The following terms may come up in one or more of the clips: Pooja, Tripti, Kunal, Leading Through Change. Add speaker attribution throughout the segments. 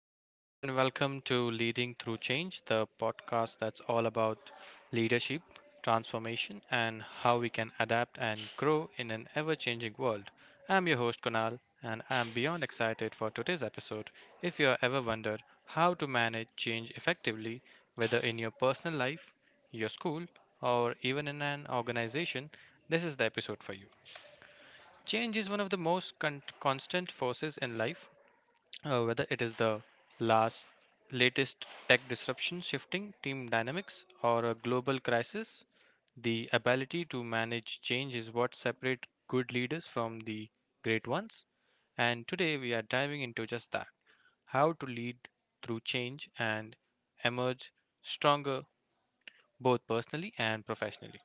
Speaker 1: Hey everyone, and welcome to Leading Through Change, the podcast that's all about leadership, transformation, and how we can adapt and grow in an ever changing world. I'm your host Kunal, and I'm beyond excited for today's episode. If you ever wondered how to manage change effectively, whether in your personal life, your school, or even in an organization, this is the episode for you. Change is one of the most constant forces in life, whether it is the last latest tech disruption, shifting team dynamics, or a global crisis, the ability to manage change is what separates good leaders from the great ones. And today we are diving into just that: how to lead through change and emerge stronger, both personally and professionally.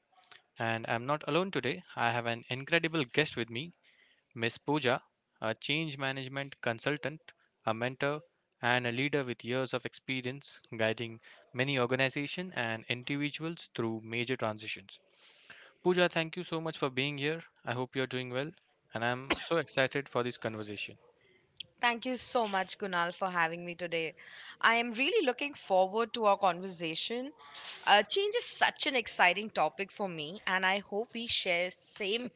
Speaker 1: And I'm not alone today, I have an incredible guest with me, Miss Pooja, a change management consultant, a mentor, and a leader with years of experience guiding many organizations and individuals through major transitions. Pooja, thank you so much for being here. I hope you're doing well, and I'm so excited for this conversation.
Speaker 2: Thank you so much, Kunal, for having me today. I am really looking forward to our conversation. Change is such an exciting topic for me, and I hope we share same.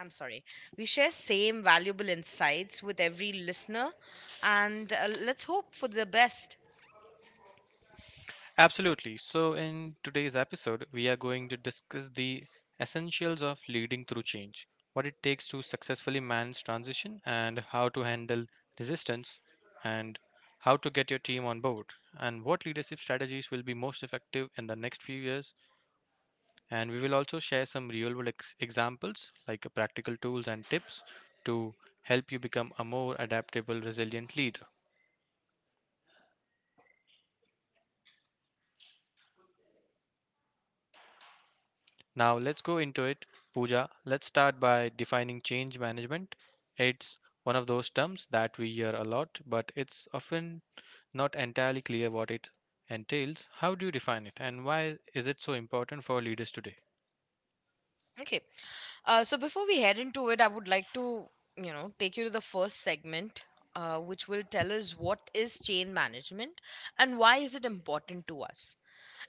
Speaker 2: I'm sorry, we share same valuable insights with every listener, and let's hope for the best.
Speaker 1: Absolutely. So, in today's episode, we are going to discuss the essentials of leading through change, what it takes to successfully manage transition, and how to handle resistance, and how to get your team on board, and what leadership strategies will be most effective in the next few years. And we will also share some real world examples, like practical tools and tips to help you become a more adaptable, resilient leader. Now let's go into it. Pooja, let's start by defining change management. It's one of those terms that we hear a lot, but it's often not entirely clear what it entails. How do you define it, and why is it so important for leaders today?
Speaker 2: Okay. So before we head into it, I would like to, you know, take you to the first segment, which will tell us what is chain management and why is it important to us.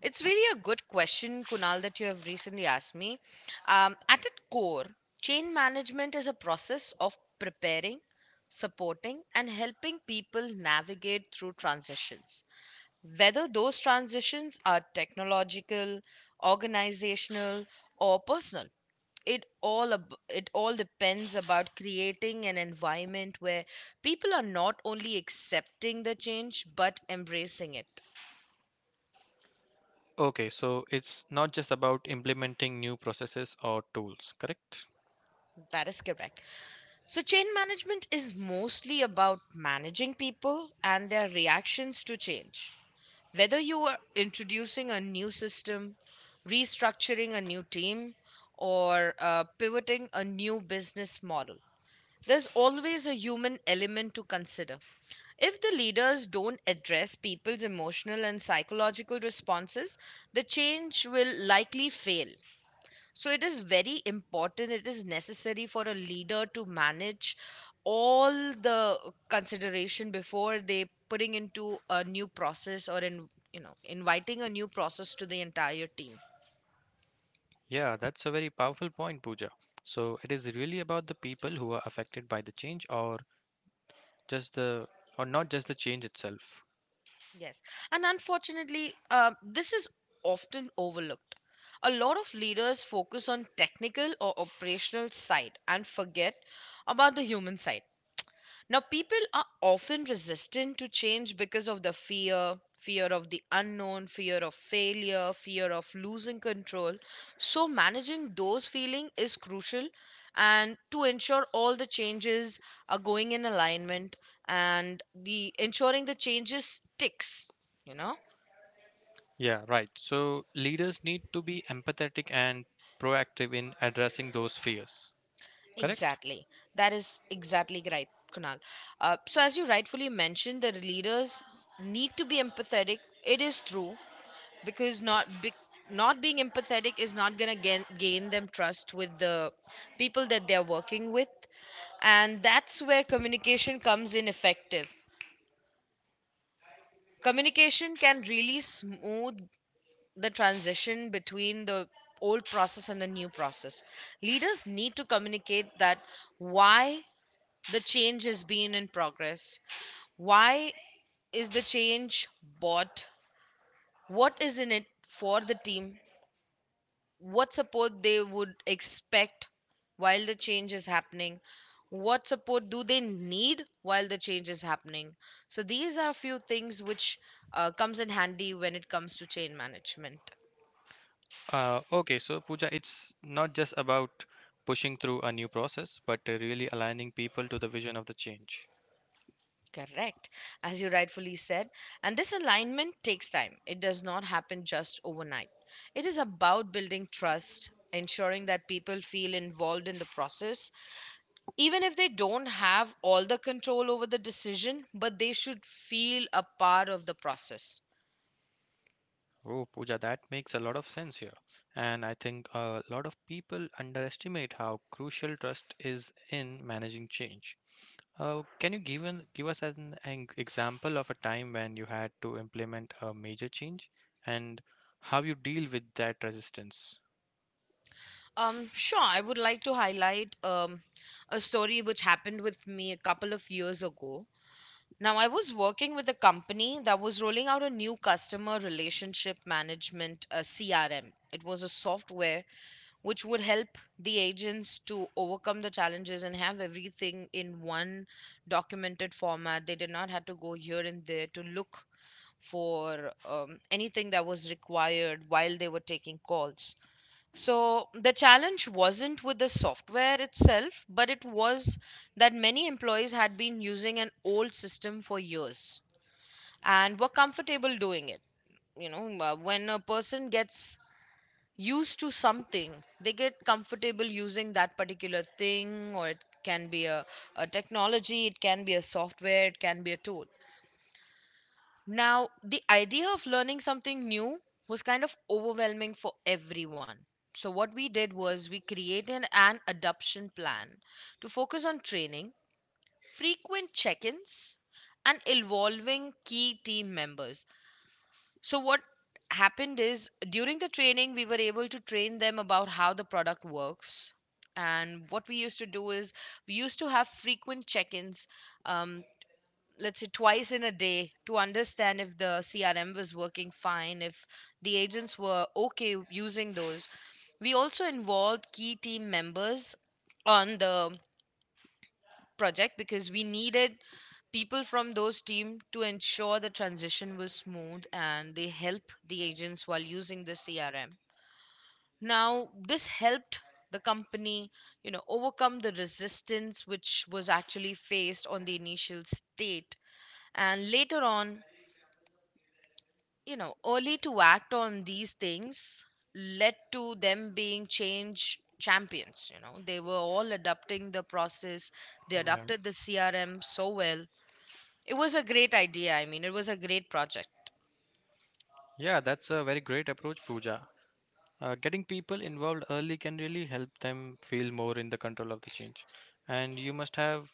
Speaker 2: It's really a good question, Kunal, that you have recently asked me. At its core, chain management is a process of preparing, supporting, and helping people navigate through transitions, whether those transitions are technological, organizational, or personal. It it all depends about creating an environment where people are not only accepting the change but embracing it.
Speaker 1: Okay, so it's not just about implementing new processes or tools, correct?
Speaker 2: That is correct. So change management is mostly about managing people and their reactions to change, whether you are introducing a new system, restructuring a new team, or pivoting a new business model. There's always a human element to consider. If the leaders don't address people's emotional and psychological responses, the change will likely fail. So, it is very important, it is necessary for a leader to manage all the consideration before they putting into a new process or in, you know, inviting a new process to the entire team.
Speaker 1: Yeah, that's a very powerful point, Pooja. So it is really about the people who are affected by the change, or just the, or not just the change itself.
Speaker 2: Yes. And unfortunately, this is often overlooked. A lot of leaders focus on technical or operational side and forget about the human side. Now, people are often resistant to change because of the fear, fear of the unknown, fear of failure, fear of losing control. So, managing those feelings is crucial, and to ensure all the changes are going in alignment and the ensuring the changes sticks, you know.
Speaker 1: Yeah, right. So leaders need to be empathetic and proactive in addressing those fears. Correct?
Speaker 2: Exactly. That is exactly right, Kunal. So, as you rightfully mentioned, the leaders need to be empathetic. It is true because not being empathetic is not going to gain them trust with the people that they're working with. And that's where communication comes in effective. Communication can really smooth the transition between the old process and the new process. Leaders need to communicate that why the change has been in progress. Why is the change bought? What is in it for the team? What support they would expect while the change is happening? What support do they need while the change is happening? So these are few things which comes in handy when it comes to chain management.
Speaker 1: Okay, so Pooja, it's not just about pushing through a new process, but really aligning people to the vision of the change.
Speaker 2: Correct, as you rightfully said. And this alignment takes time. It does not happen just overnight. It is about building trust, ensuring that people feel involved in the process, even if they don't have all the control over the decision, but they should feel a part of the process.
Speaker 1: Oh, Pooja, that makes a lot of sense here. And I think a lot of people underestimate how crucial trust is in managing change. Can you give us as an example of a time when you had to implement a major change and how you deal with that resistance?
Speaker 2: Sure, I would like to highlight a story which happened with me a couple of years ago. Now, I was working with a company that was rolling out a new customer relationship management, CRM. It was a software which would help the agents to overcome the challenges and have everything in one documented format. They did not have to go here and there to look for anything that was required while they were taking calls. So the challenge wasn't with the software itself, but it was that many employees had been using an old system for years and were comfortable doing it. You know, when a person gets used to something, they get comfortable using that particular thing, or it can be a technology, it can be a software, it can be a tool. Now, the idea of learning something new was kind of overwhelming for everyone. So, what we did was we created an adoption plan to focus on training, frequent check ins, and evolving key team members. So, what happened is during the training, we were able to train them about how the product works. And what we used to do is we used to have frequent check ins, let's say twice in a day, to understand if the CRM was working fine, if the agents were okay using those. We also involved key team members on the project because we needed people from those team to ensure the transition was smooth and they help the agents while using the CRM. Now this helped the company, you know, overcome the resistance which was actually faced on the initial state. And later on, you know, early to act on these things led to them being change champions. You know, they were all adopting the process. They
Speaker 1: Yeah,
Speaker 2: adopted the CRM so well. It was a great idea, I mean, it was a great project.
Speaker 1: yeah, that's a very great approach, Pooja. Getting people involved early can really help them feel more in the control of the change. And you must have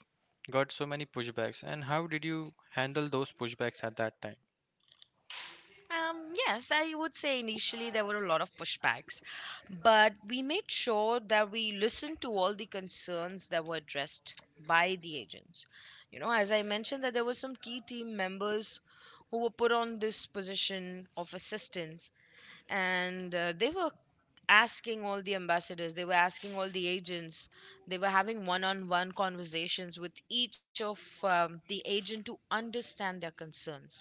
Speaker 1: got so many pushbacks. And how did you handle those pushbacks at that time?
Speaker 2: Yes, I would say initially there were a lot of pushbacks, but we made sure that we listened to all the concerns that were addressed by the agents. You know, as I mentioned, that there were some key team members who were put on this position of assistance, and they were asking all the ambassadors, they were asking all the agents, they were having one on one conversations with each of the agent to understand their concerns.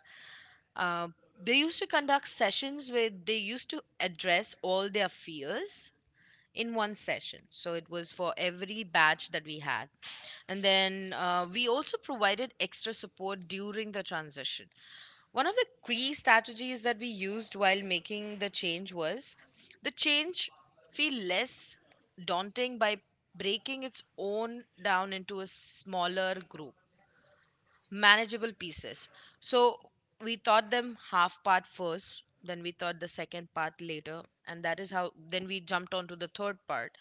Speaker 2: uh, they used to conduct sessions where they used to address all their fears in one session. So it was for every batch that we had. And then we also provided extra support during the transition. One of the key strategies that we used while making the change was the change feel less daunting by breaking its own down into a smaller group manageable pieces. So we taught them half part first, then we taught the second part later, and that is how then we jumped on to the third part.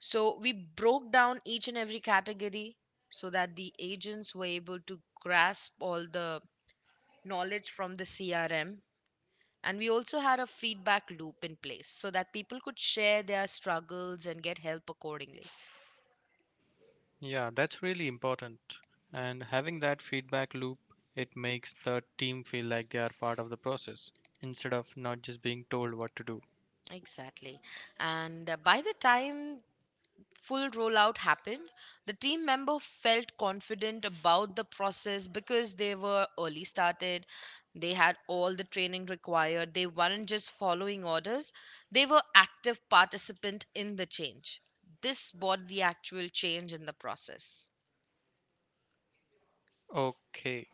Speaker 2: So we broke down each and every category so that the agents were able to grasp all the knowledge from the CRM. And we also had a feedback loop in place so that people could share their struggles and get help accordingly.
Speaker 1: Yeah, that's really important. And having that feedback loop, it makes the team feel like they are part of the process instead of not just being told what to do.
Speaker 2: Exactly. And by the time full rollout happened, the team member felt confident about the process because they were early started. They had all the training required. They weren't just following orders, they were active participant in the change. This brought the actual change in the process.
Speaker 1: Okay,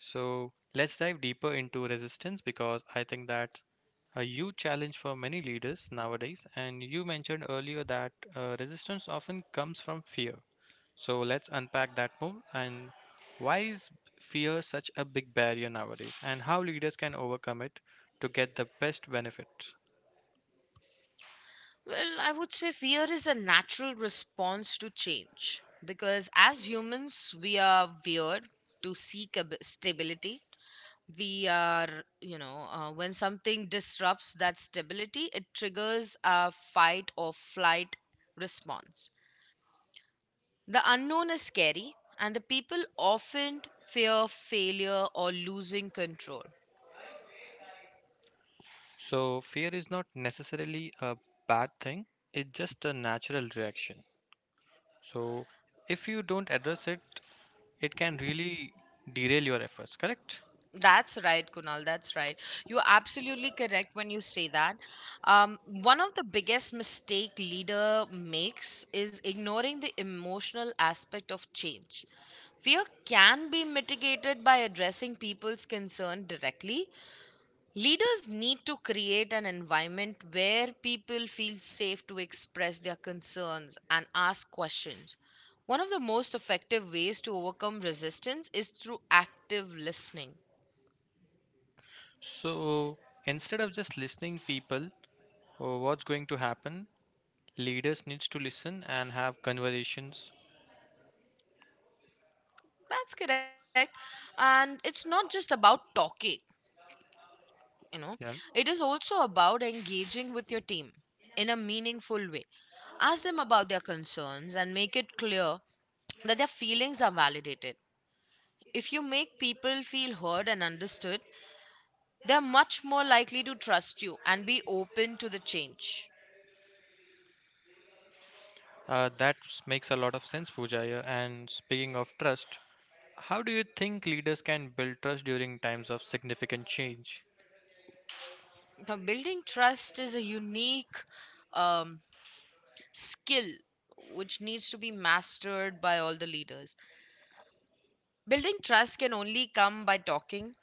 Speaker 1: so let's dive deeper into resistance because I think that's a huge challenge for many leaders nowadays. And you mentioned earlier that resistance often comes from fear. So let's unpack that more. And why is fear such a big barrier nowadays, and how leaders can overcome it to get the best benefit?
Speaker 2: Well, I would say fear is a natural response to change because as humans, we are weird to stability. We are, you know, when something disrupts that stability, it triggers a fight or flight response. The unknown is scary, and the people often fear failure or losing control.
Speaker 1: So fear is not necessarily a bad thing, it's just a natural reaction. So if you don't address it, it can really derail your efforts, correct?
Speaker 2: That's right, Kunal. That's right. You're absolutely correct when you say that. One of the biggest mistake leader makes is ignoring the emotional aspect of change. Fear can be mitigated by addressing people's concern directly. Leaders need to create an environment where people feel safe to express their concerns and ask questions. One of the most effective ways to overcome resistance is through active listening.
Speaker 1: So instead of just listening people or what's going to happen, leaders needs to listen and have conversations.
Speaker 2: That's correct. And it's not just about talking, you know,
Speaker 1: Yeah.
Speaker 2: it is also about engaging with your team in a meaningful way. Ask them about their concerns and make it clear that their feelings are validated. If you make people feel heard and understood, they're much more likely to trust you and be open to the change.
Speaker 1: That makes a lot of sense, Pujaya. And speaking of trust, how do you think leaders can build trust during times of significant change?
Speaker 2: Now, building trust is a unique um, skill which needs to be mastered by all the leaders. Building trust can only come by talking.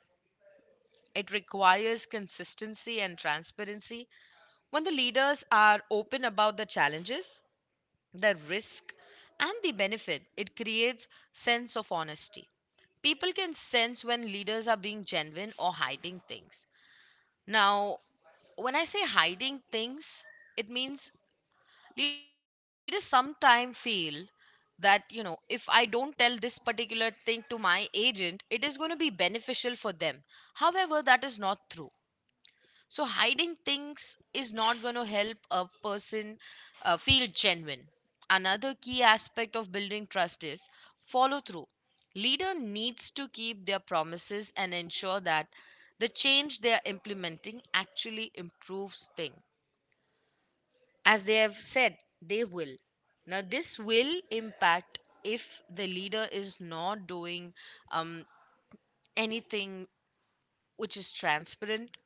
Speaker 2: It requires consistency and transparency. When the leaders are open about the challenges, the risk, and the benefit, it creates sense of honesty. People can sense when leaders are being genuine or hiding things. Now, when I say hiding things, it means leaders sometimes feel that, you know, if I don't tell this particular thing to my agent, it is going to be beneficial for them. However, that is not true. So hiding things is not going to help a person feel genuine. Another key aspect of building trust is follow through. Leader needs to keep their promises and ensure that the change they are implementing actually improves things as they have said they will. Now this will impact if the leader is not doing, um, anything which is transparent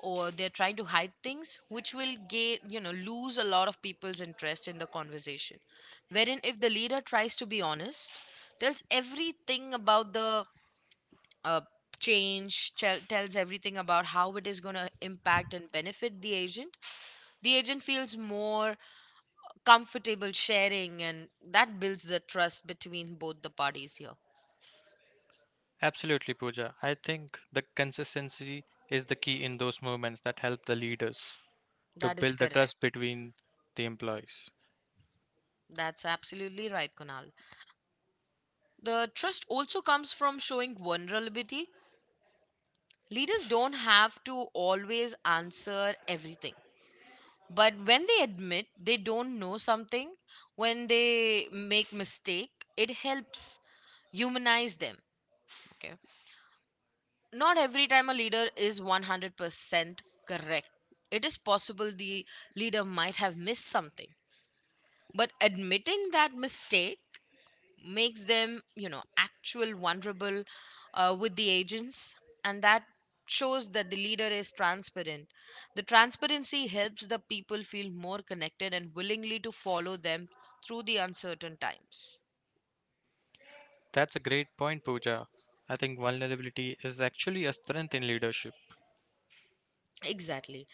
Speaker 2: or they're trying to hide things, which will get, you know, lose a lot of people's interest in the conversation. Wherein if the leader tries to be honest, tells everything about the uh, change, tells everything about how it is going to impact and benefit the agent, the agent feels more comfortable sharing, and that builds the trust between both the parties here.
Speaker 1: Absolutely, Pooja. I think the consistency is the key in those moments that help the leaders to
Speaker 2: That is
Speaker 1: build the trust
Speaker 2: correct.
Speaker 1: between the employees.
Speaker 2: That's absolutely right, Kunal. The trust also comes from showing vulnerability. Leaders don't have to always answer everything, but when they admit they don't know something, when they make mistake, it helps humanize them. Okay, not every time a leader is 100% correct. It is possible the leader might have missed something, but admitting that mistake makes them, actual vulnerable with the agents, and that shows that the leader is transparent. The transparency helps the people feel more connected and willingly to follow them through the uncertain times.
Speaker 1: That's a great point, Pooja. I think vulnerability is actually a strength in leadership.
Speaker 2: Exactly.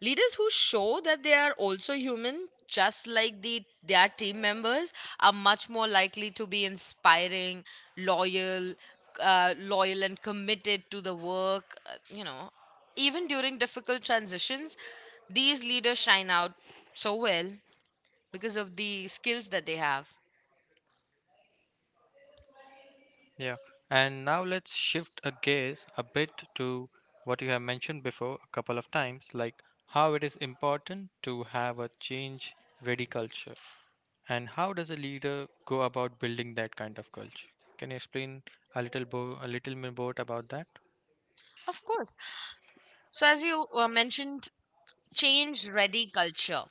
Speaker 2: Leaders who show that they are also human, just like their team members, are much more likely to be inspiring, loyal, loyal and committed to the work. Even during difficult transitions, these leaders shine out so well because of the skills that they have.
Speaker 1: Yeah, and now let's shift a gaze a bit to what you have mentioned before a couple of times, like how it is important to have a change ready culture, and how does a leader go about building that kind of culture? Can you explain a little a little more about that?
Speaker 2: Of course. So as you mentioned change ready culture,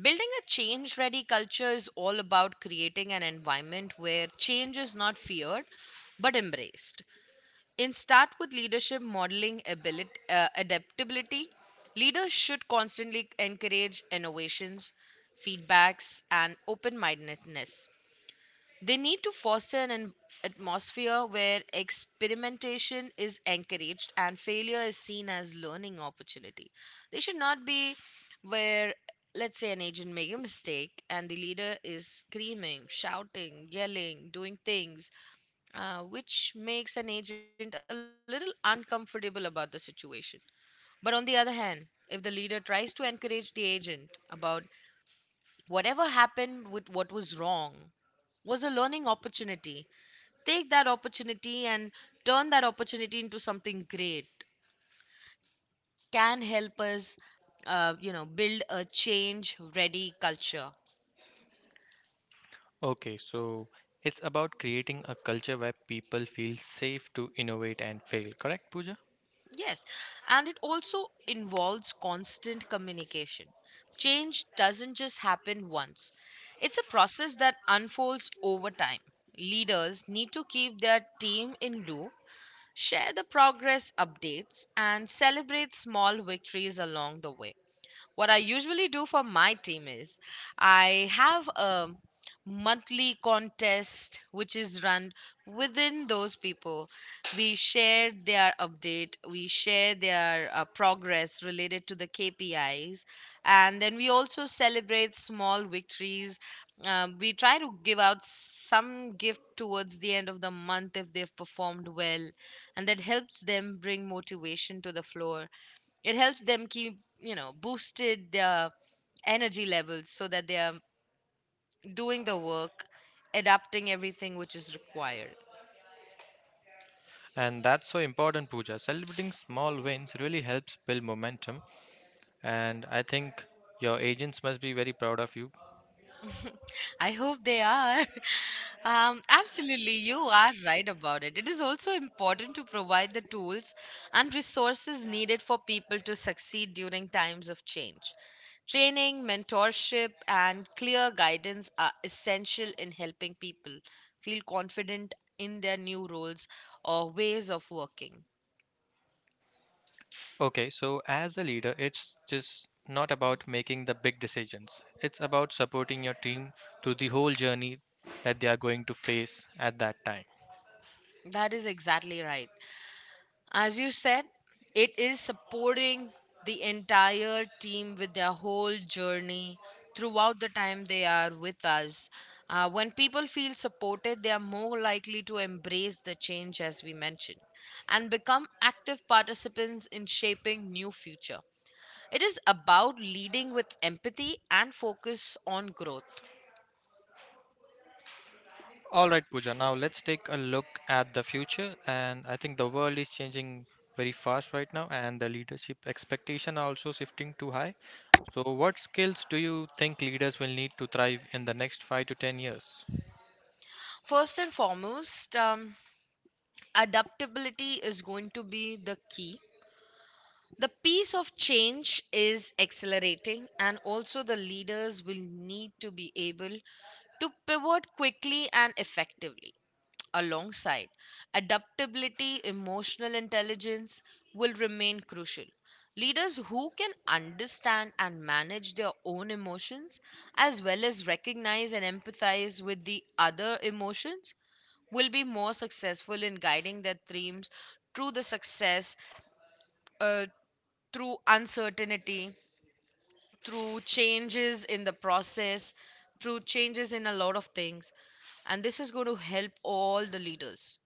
Speaker 2: building a change ready culture is all about creating an environment where change is not feared but embraced. In start with leadership modeling ability, adaptability, leaders should constantly encourage innovations, feedbacks, and open mindedness. They need to foster an atmosphere where experimentation is encouraged and failure is seen as learning opportunity. They should not be where, let's say, an agent make a mistake and the leader is screaming, shouting, yelling, doing things which makes an agent a little uncomfortable about the situation. But on the other hand, if the leader tries to encourage the agent about whatever happened, with what was wrong was a learning opportunity, take that opportunity and turn that opportunity into something great, can help us build a change ready culture.
Speaker 1: Okay, so it's about creating a culture where people feel safe to innovate and fail, correct, Pooja?
Speaker 2: Yes, and it also involves constant communication. Change doesn't just happen once, it's a process that unfolds over time. Leaders need to keep their team in loop, share the progress updates, and celebrate small victories along the way. What I usually do for my team is I have a monthly contest which is run within those people. We share their update, we share their progress related to the KPIs, and then we also celebrate small victories. We try to give out some gift towards the end of the month if they've performed well, and that helps them bring motivation to the floor. It helps them keep, boosted their energy levels so that they are doing the work, adapting everything which is required.
Speaker 1: And that's so important, Pooja. Celebrating small wins really helps build momentum, and I think your agents must be very proud of you.
Speaker 2: I hope they are. Absolutely, you are right about it. It is also important to provide the tools and resources needed for people to succeed during times of change. Training, mentorship, and clear guidance are essential in helping people feel confident in their new roles or ways of working.
Speaker 1: Okay, so as a leader, it's just not about making the big decisions. It's about supporting your team through the whole journey that they are going to face at that time.
Speaker 2: That is exactly right. As you said, it is supporting the entire team with their whole journey throughout the time they are with us. When people feel supported, they are more likely to embrace the change, as we mentioned, and become active participants in shaping new future. It is about leading with empathy and focus on growth.
Speaker 1: All right, Pooja, now let's take a look at the future. And I think the world is changing very fast right now, and the leadership expectation are also shifting too high. So, what skills do you think leaders will need to thrive in the next 5 to 10 years?
Speaker 2: First and foremost, adaptability is going to be the key. The pace of change is accelerating, and also the leaders will need to be able to pivot quickly and effectively. Alongside adaptability, emotional intelligence will remain crucial. Leaders who can understand and manage their own emotions, as well as recognize and empathize with the other emotions, will be more successful in guiding their teams through the success uh, through uncertainty, through changes in the process, through changes in a lot of things. And this is going to help all the leaders.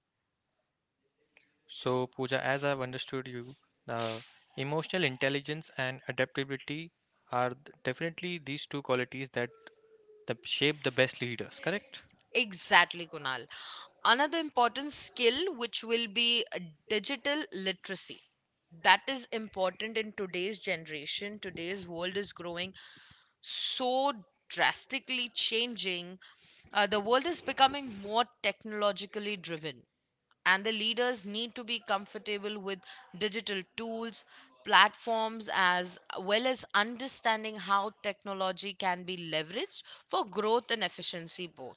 Speaker 1: So, Pooja, as I've understood you, uh, emotional intelligence and adaptability are definitely these two qualities that the, shape the best leaders, correct?
Speaker 2: Exactly, Kunal. Another important skill, which will be digital literacy. That is important in today's generation. Today's world is growing, so drastically changing. The world is becoming more technologically driven, and the leaders need to be comfortable with digital tools, platforms, as well as understanding how technology can be leveraged for growth and efficiency both.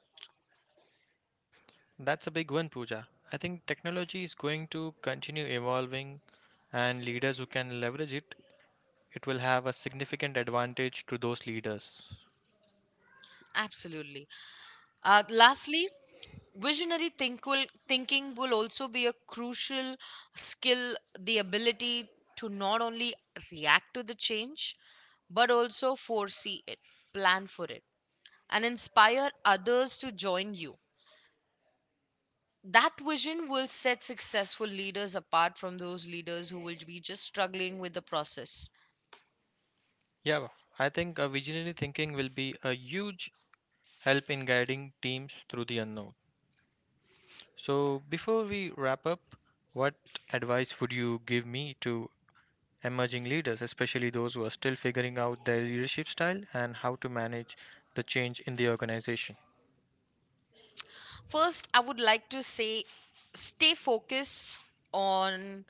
Speaker 1: That's a big one, Pooja. I think technology is going to continue evolving, and leaders who can leverage it, it will have a significant advantage to those leaders.
Speaker 2: Absolutely. Lastly, thinking will also be a crucial skill. The ability to not only react to the change but also foresee it, plan for it, and inspire others to join you, that vision will set successful leaders apart from those leaders who will be just struggling with the process.
Speaker 1: Yeah, I think visionary thinking will be a huge help in guiding teams through the unknown. So, before we wrap up, what advice would you give me to emerging leaders, especially those who are still figuring out their leadership style and how to manage the change in the organization?
Speaker 2: First, I would like to say, stay focused on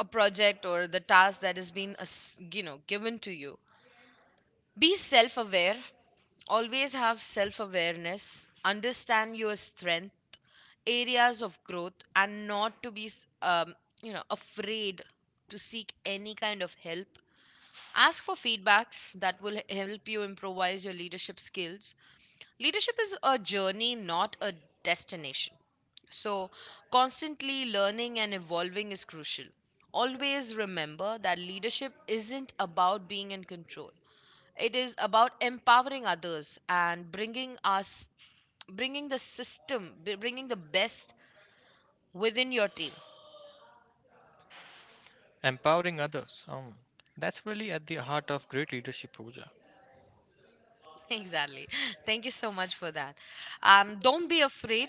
Speaker 2: a project or the task that has been given to you. Be self aware, always have self awareness, understand your strength, areas of growth, and not to be afraid to seek any kind of help. Ask for feedbacks, that will help you improvise your leadership skills. Leadership is a journey, not a destination. So, constantly learning and evolving is crucial. Always remember that leadership isn't about being in control. It is about empowering others and bringing the best within your team.
Speaker 1: Empowering others. That's really at the heart of great leadership, Pooja.
Speaker 2: Exactly. Thank you so much for that. Don't be afraid.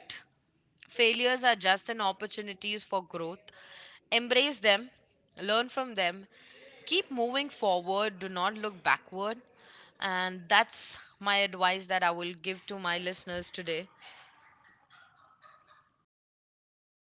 Speaker 2: Failures are just an opportunities for growth. Embrace them, learn from them, keep moving forward, do not look backward. And that's my advice that I will give to my listeners today.